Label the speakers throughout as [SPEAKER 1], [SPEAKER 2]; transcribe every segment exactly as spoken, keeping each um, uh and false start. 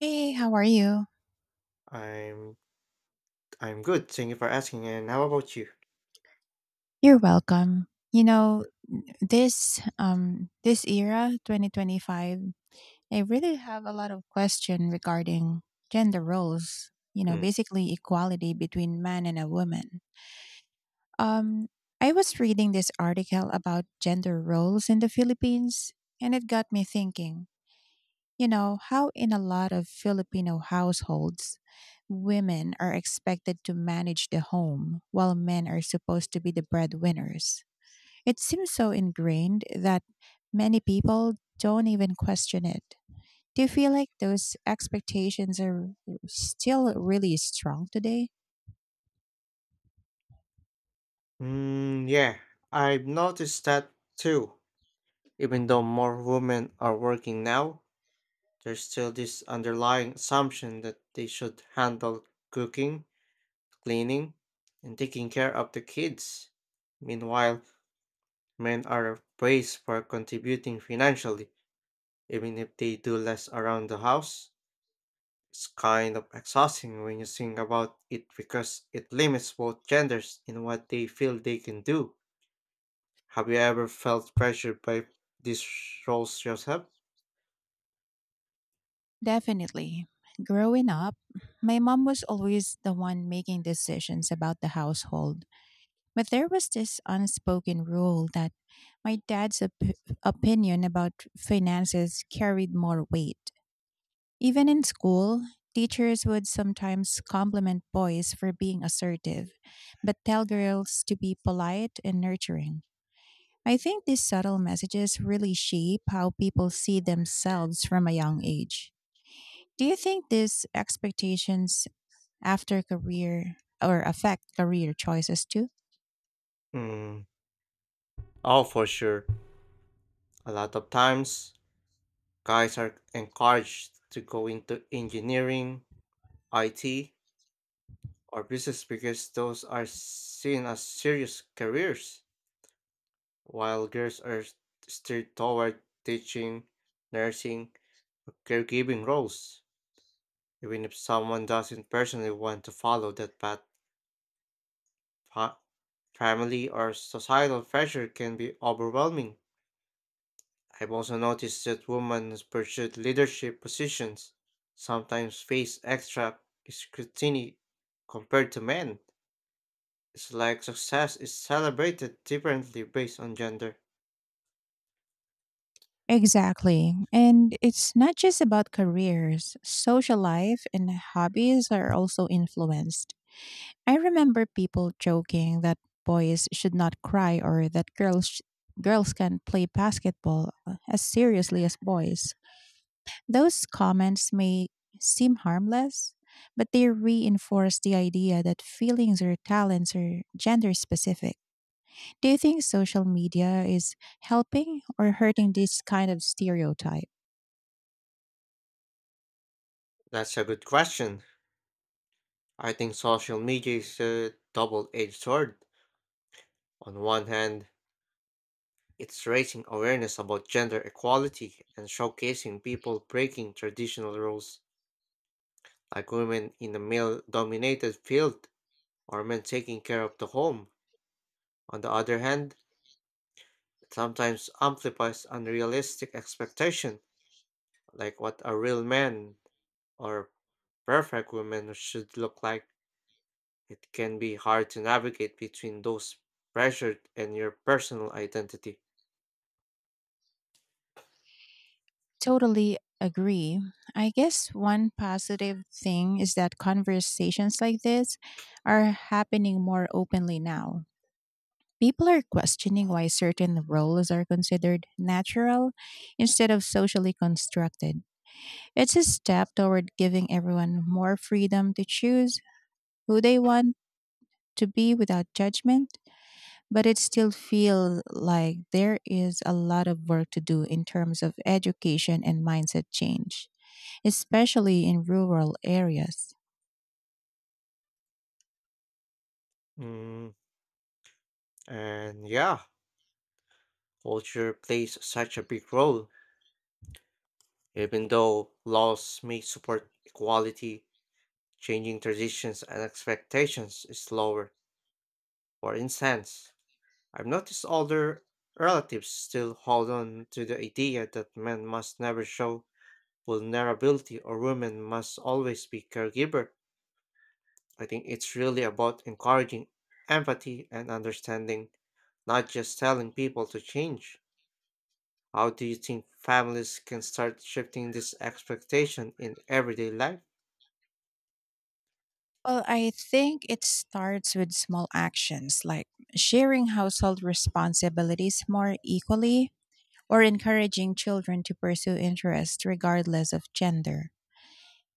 [SPEAKER 1] Hey, how are you?
[SPEAKER 2] I'm I'm good. Thank you for asking. And how about you?
[SPEAKER 1] You're welcome. You know,
[SPEAKER 2] Yeah.
[SPEAKER 1] this um this era twenty twenty-five, I really have a lot of question regarding gender roles, you know,
[SPEAKER 2] Mm.
[SPEAKER 1] basically equality between man and a woman. Um I was reading this article about gender roles in the Philippines and it got me thinking. You know, how in a lot of Filipino households, women are expected to manage the home while men are supposed to be the breadwinners. It seems so ingrained that many people don't even question it. Do you feel like those expectations are still really strong today?
[SPEAKER 2] Mm, yeah, I've noticed that too. Even though more women are working now, there's still this underlying assumption that they should handle cooking, cleaning, and taking care of the kids. Meanwhile, men are praised for contributing financially, even if they do less around the house. It's kind of exhausting when you think about it because it limits both genders in what they feel they can do. Have you ever felt pressured by these roles yourself?
[SPEAKER 1] Definitely. Growing up, my mom was always the one making decisions about the household. But there was this unspoken rule that my dad's op- opinion about finances carried more weight. Even in school, teachers would sometimes compliment boys for being assertive, but tell girls to be polite and nurturing. I think these subtle messages really shape how people see themselves from a young age. Do you think these expectations after career or affect career choices too?
[SPEAKER 2] Mm. Oh, for sure. A lot of times, guys are encouraged to go into engineering, I T, or business because those are seen as serious careers, while girls are steered toward teaching, nursing, or caregiving roles. Even if someone doesn't personally want to follow that path, fa- family or societal pressure can be overwhelming. I've also noticed that women who pursue leadership positions sometimes face extra scrutiny compared to men. It's like success is celebrated differently based on gender.
[SPEAKER 1] Exactly. And it's not just about careers, social life and hobbies are also influenced. I remember people joking that boys should not cry or that girls sh- girls can play basketball uh, as seriously as boys. Those comments may seem harmless, but they reinforce the idea that feelings or talents are gender specific. Do you think social media is helping or hurting this kind of stereotype?
[SPEAKER 2] That's a good question. I think social media is a double edged sword. On one hand, it's raising awareness about gender equality and showcasing people breaking traditional roles, like women in a male dominated field or men taking care of the home. On the other hand, it sometimes amplifies unrealistic expectation, like what a real man or perfect woman should look like. It can be hard to navigate between those pressures and your personal identity.
[SPEAKER 1] Totally agree. I guess one positive thing is that conversations like this are happening more openly now. People are questioning why certain roles are considered natural instead of socially constructed. It's a step toward giving everyone more freedom to choose who they want to be without judgment, but it still feels like there is a lot of work to do in terms of education and mindset change, especially in rural areas.
[SPEAKER 2] Mm, and yeah, culture plays such a big role. Even though laws may support equality, changing traditions and expectations is slower. For instance, I've noticed older relatives still hold on to the idea that men must never show vulnerability or women must always be caregiver. I think it's really about encouraging empathy and understanding, not just telling people to change. How do you think families can start shifting this expectation in everyday life?
[SPEAKER 1] Well, I think it starts with small actions like sharing household responsibilities more equally or encouraging children to pursue interests regardless of gender.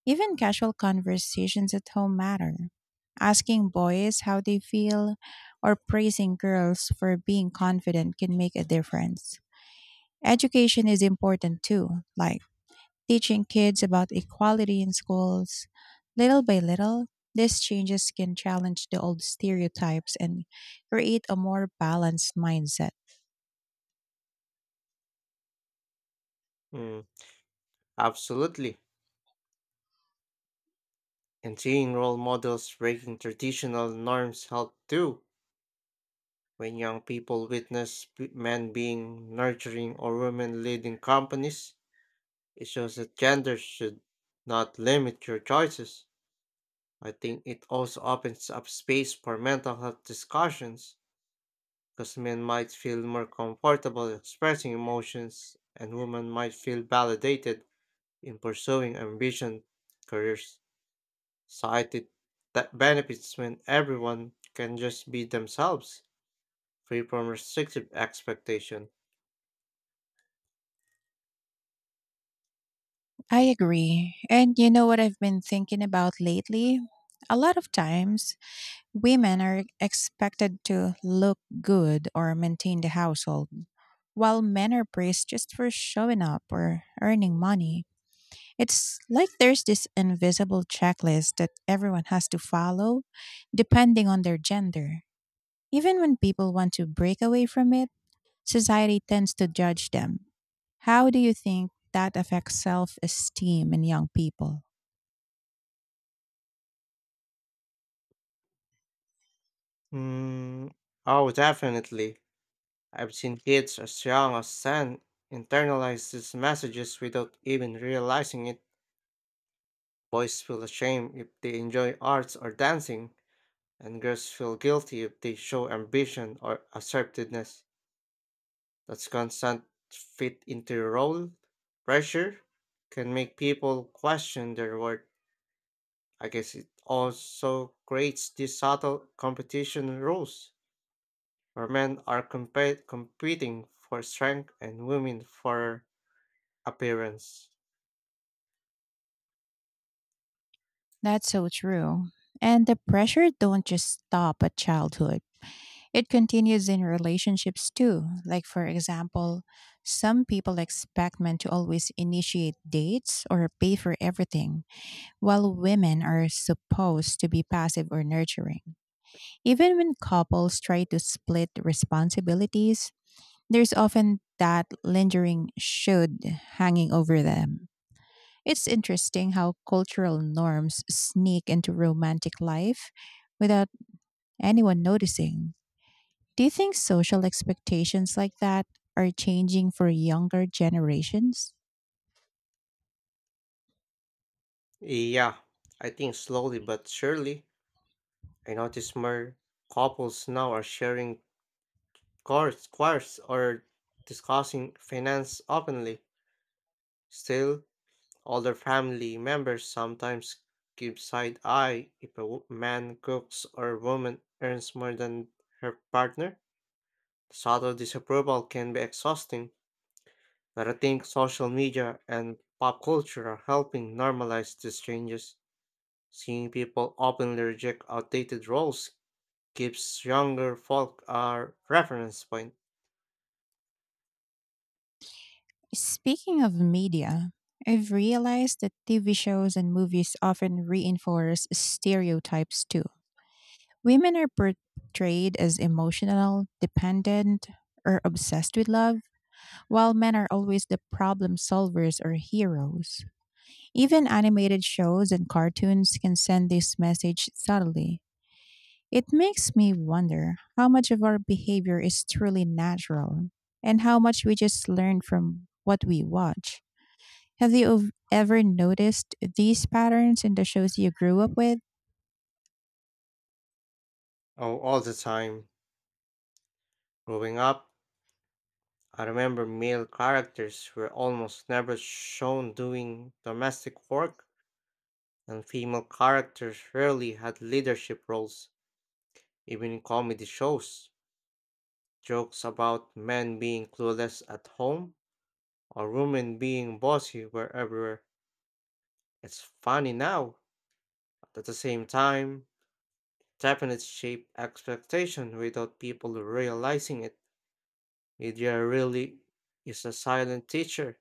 [SPEAKER 1] Even casual conversations at home matter. Asking boys how they feel or praising girls for being confident can make a difference. Education is important too, like teaching kids about equality in schools. Little by little, these changes can challenge the old stereotypes and create a more balanced mindset.
[SPEAKER 2] Mm. Absolutely. And seeing role models breaking traditional norms help too. When young people witness p- men being nurturing or women leading companies, it shows that gender should not limit your choices. I think it also opens up space for mental health discussions because men might feel more comfortable expressing emotions and women might feel validated in pursuing ambition careers. Society that benefits when everyone can just be themselves, free from restrictive expectation.
[SPEAKER 1] I agree. And you know what I've been thinking about lately? A lot of times, women are expected to look good or maintain the household, while men are praised just for showing up or earning money. It's like there's this invisible checklist that everyone has to follow depending on their gender. Even when people want to break away from it, society tends to judge them. How do you think that affects self esteem in young people?
[SPEAKER 2] Hmm. Oh, definitely. I've seen kids as young as ten internalize these messages without even realizing it. Boys feel ashamed if they enjoy arts or dancing, and girls feel guilty if they show ambition or assertiveness. That's constant fit into a role. Pressure can make people question their worth. I guess it also creates these subtle competition rules where men are compe- competing for strength and women for appearance.
[SPEAKER 1] That's so true. And the pressure don't just stop at childhood. It continues in relationships too. Like for example, some people expect men to always initiate dates or pay for everything while women are supposed to be passive or nurturing. Even when couples try to split responsibilities, there's often that lingering should hanging over them. It's interesting how cultural norms sneak into romantic life without anyone noticing. Do you think social expectations like that are changing for younger generations?
[SPEAKER 2] Yeah, I think slowly but surely, I notice more couples now are sharing cars, cars or discussing finance openly. Still, older family members sometimes give side eye if a wo- man cooks or woman earns more than her partner. Subtle disapproval can be exhausting, but I think social media and pop culture are helping normalize these changes. Seeing people openly reject outdated roles gives younger folk a reference point.
[SPEAKER 1] Speaking of media, I've realized that T V shows and movies often reinforce stereotypes too. Women are portrayed as emotional, dependent, or obsessed with love, while men are always the problem solvers or heroes. Even animated shows and cartoons can send this message subtly. It makes me wonder how much of our behavior is truly natural and how much we just learn from what we watch. Have you ov- ever noticed these patterns in the shows you grew up with?
[SPEAKER 2] Oh, all the time. Growing up, I remember male characters were almost never shown doing domestic work, and female characters rarely had leadership roles, even in comedy shows. Jokes about men being clueless at home or women being bossy were everywhere. It's funny now, but at the same time, definite shape expectation without people realizing it. Media really is a silent teacher,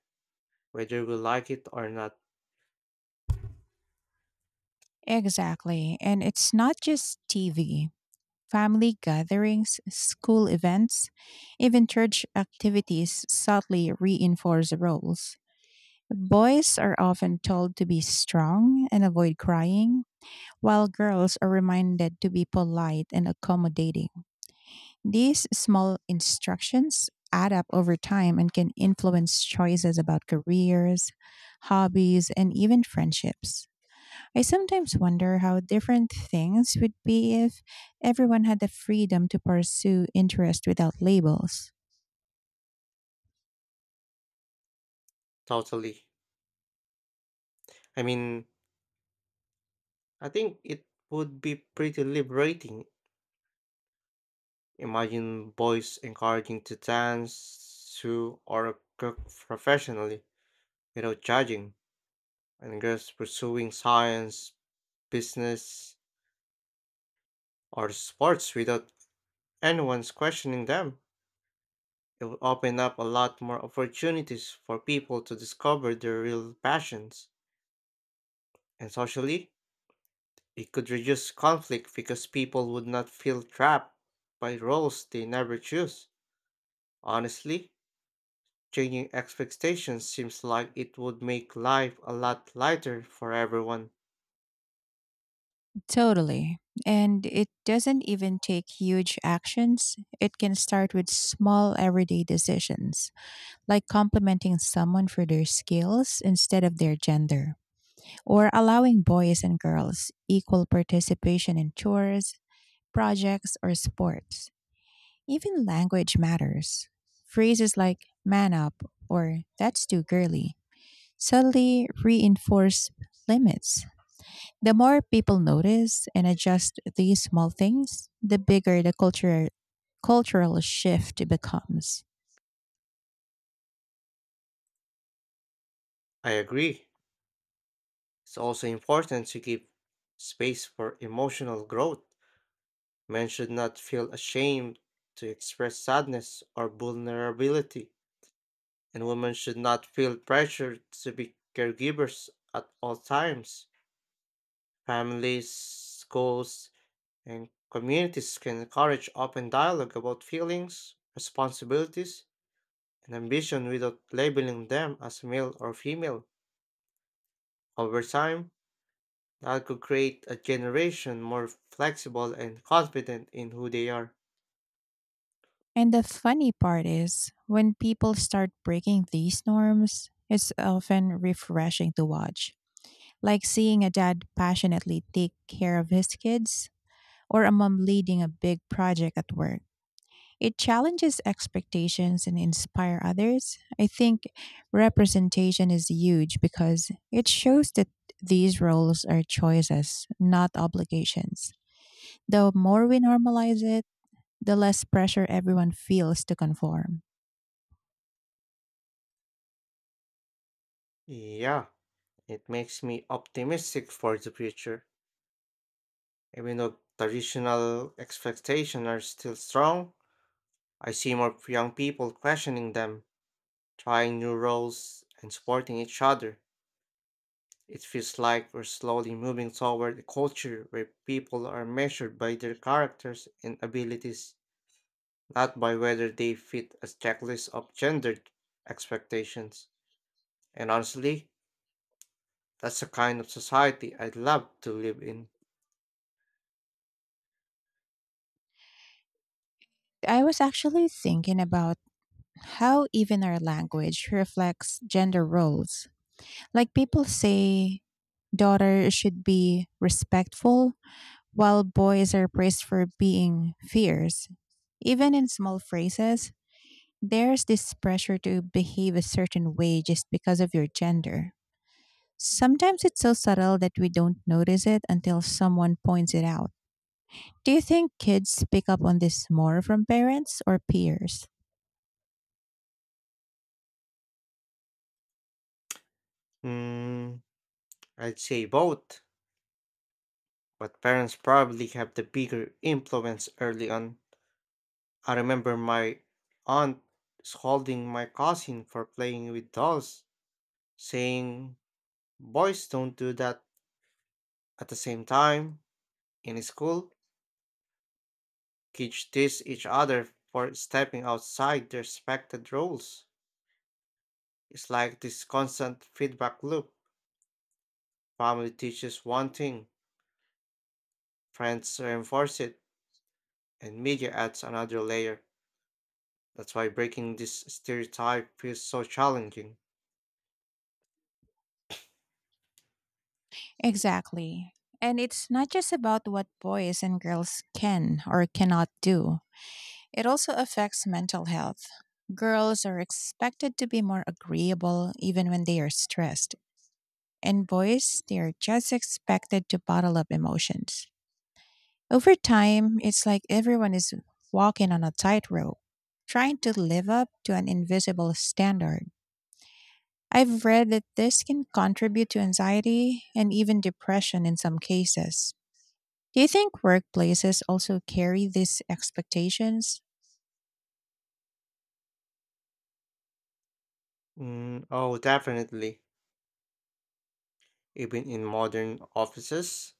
[SPEAKER 2] whether we like it or not.
[SPEAKER 1] Exactly. And it's not just T V. Family gatherings, school events, even church activities subtly reinforce roles. Boys are often told to be strong and avoid crying, while girls are reminded to be polite and accommodating. These small instructions add up over time and can influence choices about careers, hobbies, and even friendships. I sometimes wonder how different things would be if everyone had the freedom to pursue interest without labels.
[SPEAKER 2] Totally. I mean, I think it would be pretty liberating. Imagine boys encouraging to dance, to or cook professionally without judging, and girls pursuing science, business, or sports without anyone's questioning them. It will open up a lot more opportunities for people to discover their real passions. And socially, it could reduce conflict because people would not feel trapped by roles they never choose. Honestly, changing expectations seems like it would make life a lot lighter for everyone.
[SPEAKER 1] Totally. And it doesn't even take huge actions. It can start with small everyday decisions, like complimenting someone for their skills instead of their gender, or allowing boys and girls equal participation in chores, projects, or sports. Even language matters. Phrases like man up or that's too girly subtly reinforce limits. The more people notice and adjust these small things, the bigger the culture, cultural shift becomes.
[SPEAKER 2] I agree. It's also important to give space for emotional growth. Men should not feel ashamed to express sadness or vulnerability, and women should not feel pressured to be caregivers at all times. Families, schools, and communities can encourage open dialogue about feelings, responsibilities, and ambition without labeling them as male or female. Over time, that could create a generation more flexible and confident in who they are.
[SPEAKER 1] And the funny part is, when people start breaking these norms, it's often refreshing to watch, like seeing a dad passionately take care of his kids or a mom leading a big project at work. It challenges expectations and inspire others. I think representation is huge because it shows that these roles are choices, not obligations. The more we normalize it, the less pressure everyone feels to conform.
[SPEAKER 2] Yeah, it makes me optimistic for the future. Even though traditional expectations are still strong, I see more young people questioning them, trying new roles, and supporting each other. It feels like we're slowly moving toward a culture where people are measured by their characters and abilities, not by whether they fit a checklist of gendered expectations. And honestly, that's the kind of society I'd love to live in.
[SPEAKER 1] I was actually thinking about how even our language reflects gender roles. Like people say daughters should be respectful, while boys are praised for being fierce. Even in small phrases, there's this pressure to behave a certain way just because of your gender. Sometimes it's so subtle that we don't notice it until someone points it out. Do you think kids pick up on this more from parents or peers?
[SPEAKER 2] Mm, I'd say both, but parents probably have the bigger influence early on. I remember my aunt scolding my cousin for playing with dolls, saying, "Boys don't do that." At the same time, in school, kids tease each other for stepping outside their expected roles. It's like this constant feedback loop. Family teaches one thing, friends reinforce it, and media adds another layer. That's why breaking this stereotype feels so challenging.
[SPEAKER 1] Exactly. And it's not just about what boys and girls can or cannot do, it also affects mental health. Girls are expected to be more agreeable even when they are stressed, and boys, they are just expected to bottle up emotions. Over time, it's like everyone is walking on a tightrope, trying to live up to an invisible standard. I've read that this can contribute to anxiety and even depression in some cases. Do you think workplaces also carry these expectations?
[SPEAKER 2] Mm, oh, definitely. Even in modern offices,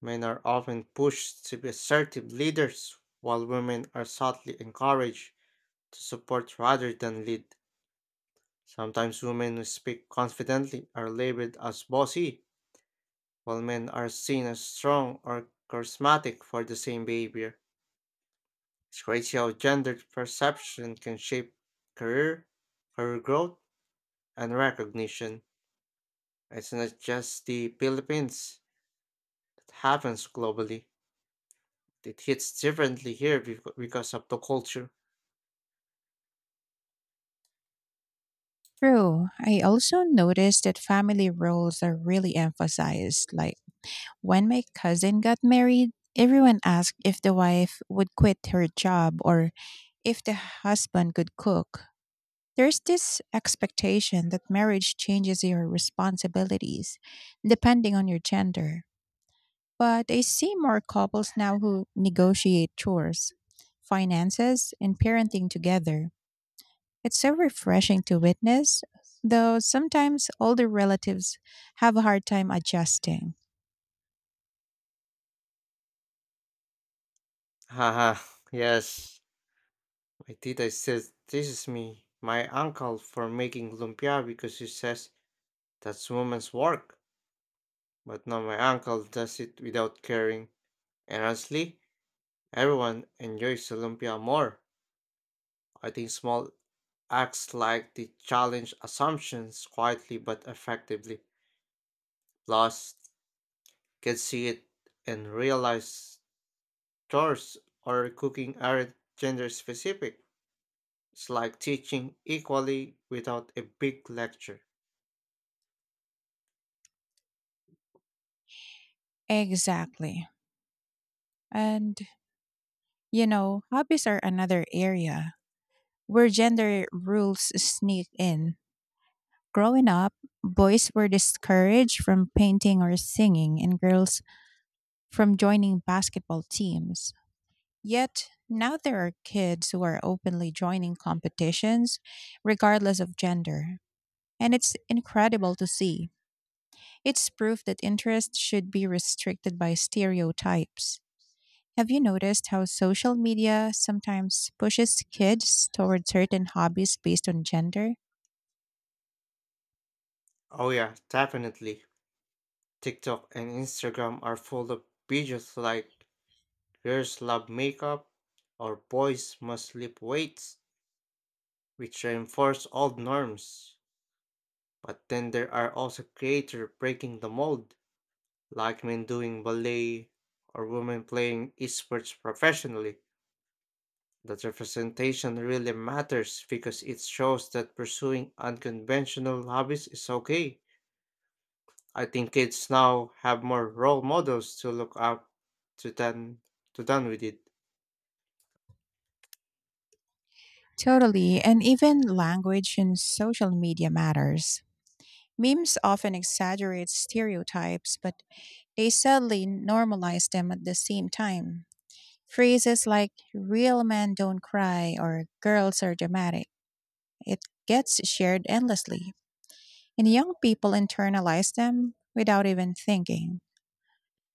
[SPEAKER 2] men are often pushed to be assertive leaders, while women are subtly encouraged to support rather than lead. Sometimes women who speak confidently are labeled as bossy, while men are seen as strong or charismatic for the same behavior. It's crazy how gender perception can shape career, career growth, and recognition. It's not just the Philippines, it happens globally. It hits differently here becau- because of the culture.
[SPEAKER 1] True. I also noticed that family roles are really emphasized. Like when my cousin got married, everyone asked if the wife would quit her job or if the husband could cook. There's this expectation that marriage changes your responsibilities depending on your gender. But I see more couples now who negotiate chores, finances, and parenting together. It's so refreshing to witness, though sometimes older relatives have a hard time adjusting.
[SPEAKER 2] Haha, yes. My tita says, this is me, my uncle, for making lumpia because he says that's woman's work. But now my uncle does it without caring. And honestly, everyone enjoys the lumpia more. I think small acts like the challenge assumptions quietly but effectively. Plus, can see it and realize chores or cooking aren't gender specific. It's like teaching equally without a big lecture.
[SPEAKER 1] Exactly. And, you know, hobbies are another area where gender rules sneak in. Growing up, boys were discouraged from painting or singing, and girls from joining basketball teams. Yet, now there are kids who are openly joining competitions, regardless of gender. And it's incredible to see. It's proof that interest should be restricted by stereotypes. Have you noticed how social media sometimes pushes kids toward certain hobbies based on gender?
[SPEAKER 2] Oh yeah, definitely. TikTok and Instagram are full of videos like girls love makeup or boys must lift weights, which reinforce old norms. But then there are also creators breaking the mold, like men doing ballet or women playing esports professionally. That representation really matters because it shows that pursuing unconventional hobbies is okay. I think kids now have more role models to look up to than to done with it.
[SPEAKER 1] Totally, and even language in social media matters. Memes often exaggerate stereotypes, but they sadly normalize them at the same time. Phrases like real men don't cry or girls are dramatic. It gets shared endlessly. And young people internalize them without even thinking.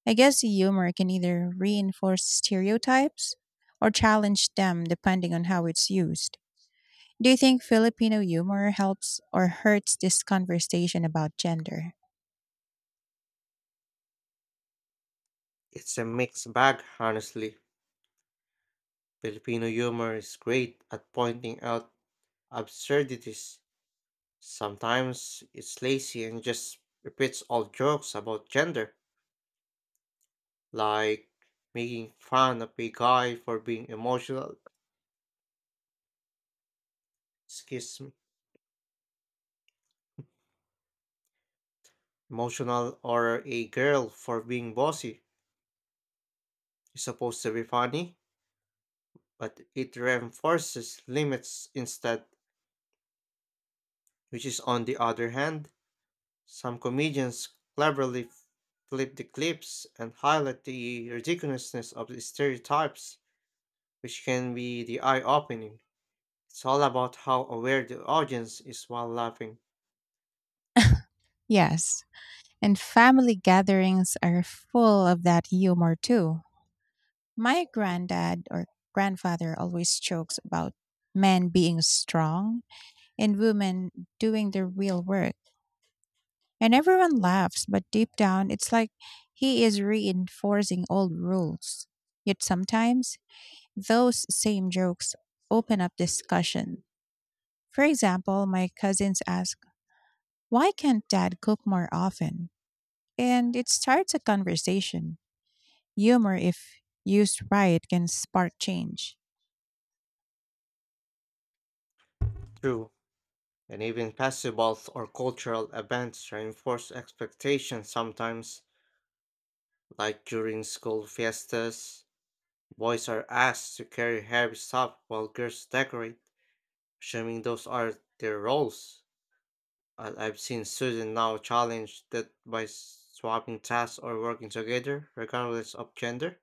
[SPEAKER 1] I guess humor can either reinforce stereotypes or challenge them depending on how it's used. Do you think Filipino humor helps or hurts this conversation about gender?
[SPEAKER 2] It's a mixed bag, honestly. Filipino humor is great at pointing out absurdities. Sometimes it's lazy and just repeats old jokes about gender, like making fun of a guy for being emotional, excuse me, emotional, or a girl for being bossy. It's supposed to be funny, but it reinforces limits instead, which is on the other hand, some comedians cleverly flip the clips and highlight the ridiculousness of the stereotypes, which can be the eye opening. It's all about how aware the audience is while laughing.
[SPEAKER 1] Yes. And family gatherings are full of that humor too. My granddad or grandfather always jokes about men being strong and women doing the real work. And everyone laughs, but deep down, it's like he is reinforcing old rules. Yet sometimes, those same jokes open up discussion. For example, my cousins ask, why can't dad cook more often? And it starts a conversation. Humor, if used right, can spark change.
[SPEAKER 2] True, and even festivals or cultural events reinforce expectations sometimes, like during school fiestas. Boys are asked to carry heavy stuff while girls decorate, assuming those are their roles. I- I've seen students now challenge that by swapping tasks or working together, regardless of gender.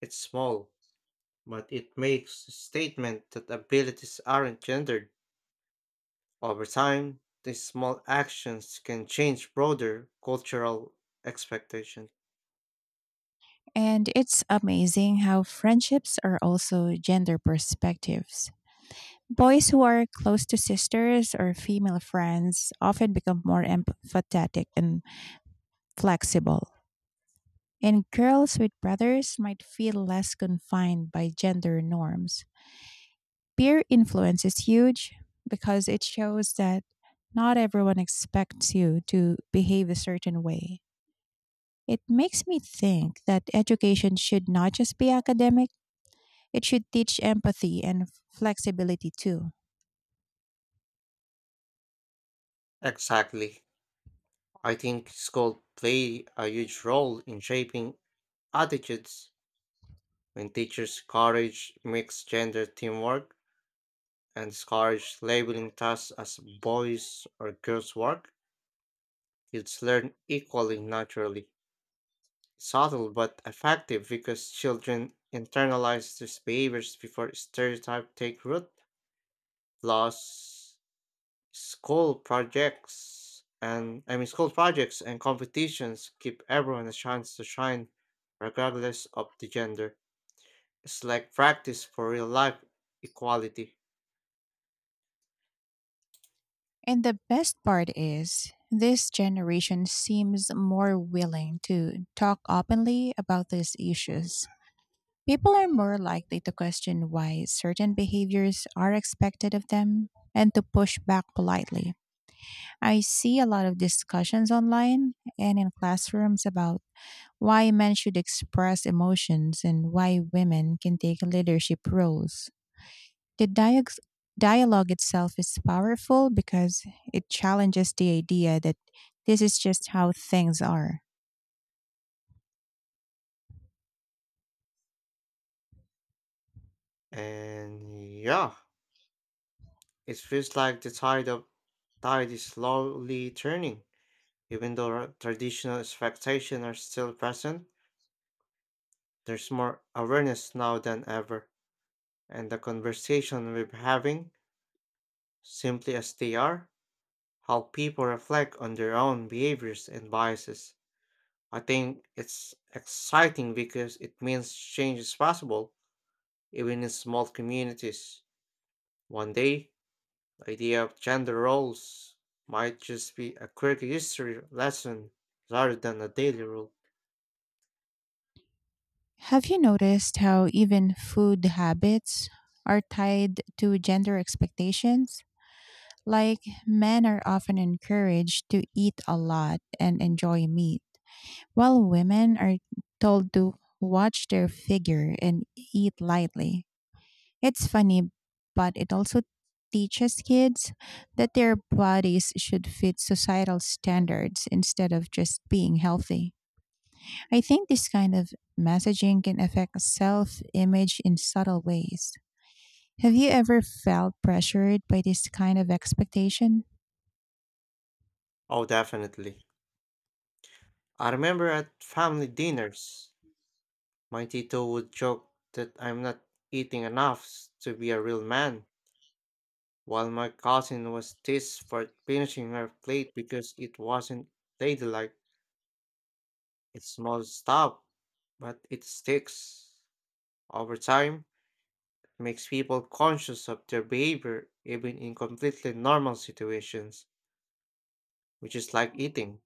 [SPEAKER 2] It's small, but it makes a statement that abilities aren't gendered. Over time, these small actions can change broader cultural expectations.
[SPEAKER 1] And it's amazing how friendships are also gender perspectives. Boys who are close to sisters or female friends often become more empathetic and flexible, and girls with brothers might feel less confined by gender norms. Peer influence is huge because it shows that not everyone expects you to behave a certain way. It makes me think that education should not just be academic, it should teach empathy and flexibility too.
[SPEAKER 2] Exactly. I think school play a huge role in shaping attitudes when teachers encourage mixed gender teamwork and discourage labeling tasks as boys or girls work, kids learn equally naturally. Subtle but effective because children internalize these behaviors before stereotypes take root. Plus, School projects and I mean school projects and competitions give everyone a chance to shine regardless of the gender. It's like practice for real life equality.
[SPEAKER 1] And the best part is, this generation seems more willing to talk openly about these issues. People are more likely to question why certain behaviors are expected of them and to push back politely. I see a lot of discussions online and in classrooms about why men should express emotions and why women can take leadership roles. The diag- dialogue itself is powerful because it challenges the idea that this is just how things are.
[SPEAKER 2] And yeah, it feels like the tide of tide is slowly turning. Even though our traditional expectations are still present, there's more awareness now than ever. And the conversation we're having, simply as they are, help people reflect on their own behaviors and biases. I think it's exciting because it means change is possible, even in small communities. One day, the idea of gender roles might just be a quick history lesson rather than a daily rule.
[SPEAKER 1] Have you noticed how even food habits are tied to gender expectations? Like, men are often encouraged to eat a lot and enjoy meat, while women are told to watch their figure and eat lightly. It's funny, but it also teaches kids that their bodies should fit societal standards instead of just being healthy. I think this kind of messaging can affect self image in subtle ways. Have you ever felt pressured by this kind of expectation?
[SPEAKER 2] Oh, definitely. I remember at family dinners, my Tito would joke that I'm not eating enough to be a real man while my cousin was teased for finishing her plate because it wasn't ladylike. It's small stuff, but it sticks. Over time, it makes people conscious of their behavior even in completely normal situations, which is like eating.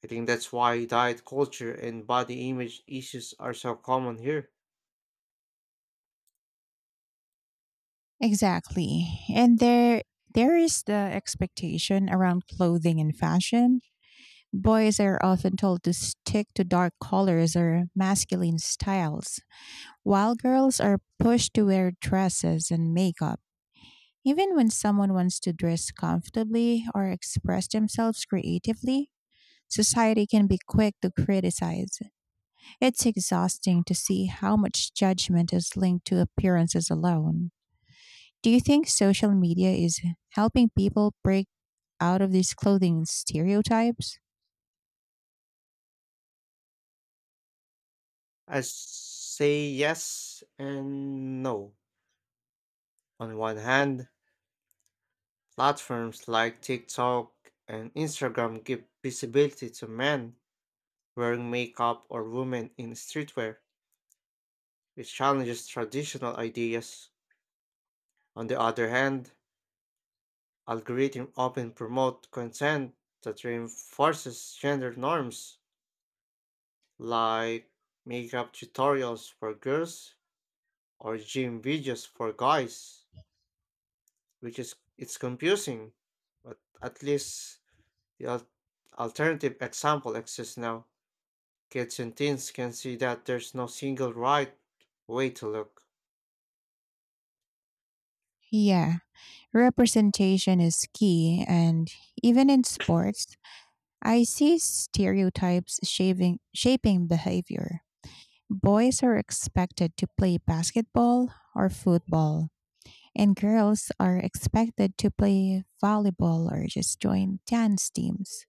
[SPEAKER 2] I think that's why diet culture and body image issues are so common here.
[SPEAKER 1] Exactly. And there there is the expectation around clothing and fashion. Boys are often told to stick to dark colors or masculine styles, while girls are pushed to wear dresses and makeup, even when someone wants to dress comfortably or express themselves creatively, society can be quick to criticize. It's exhausting to see how much judgment is linked to appearances alone. Do you think social media is helping people break out of these clothing stereotypes?
[SPEAKER 2] I say yes and no. On one hand, platforms like TikTok and Instagram give visibility to men wearing makeup or women in streetwear, which challenges traditional ideas. On the other hand, algorithms often promote content that reinforces gender norms, like makeup tutorials for girls or gym videos for guys, which is it's confusing, but at least the al- alternative example exists now. Kids and teens can see that there's no single right way to look.
[SPEAKER 1] Yeah, representation is key, and even in sports, I see stereotypes shaving, shaping behavior. Boys are expected to play basketball or football, and girls are expected to play volleyball or just join dance teams.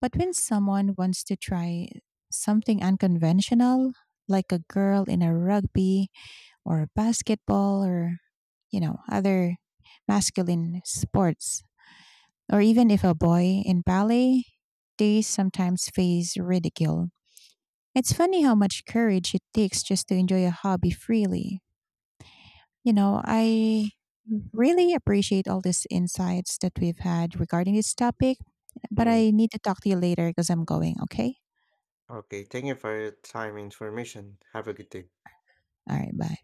[SPEAKER 1] But when someone wants to try something unconventional, like a girl in a rugby or basketball or, you know, other masculine sports, or even if a boy in ballet, they sometimes face ridicule. It's funny how much courage it takes just to enjoy a hobby freely. You know, I really appreciate all these insights that we've had regarding this topic, but
[SPEAKER 2] Hmm.
[SPEAKER 1] I need to talk to you later because I'm going, okay?
[SPEAKER 2] Okay, thank you for your time and information. Have a good day.
[SPEAKER 1] All right, bye.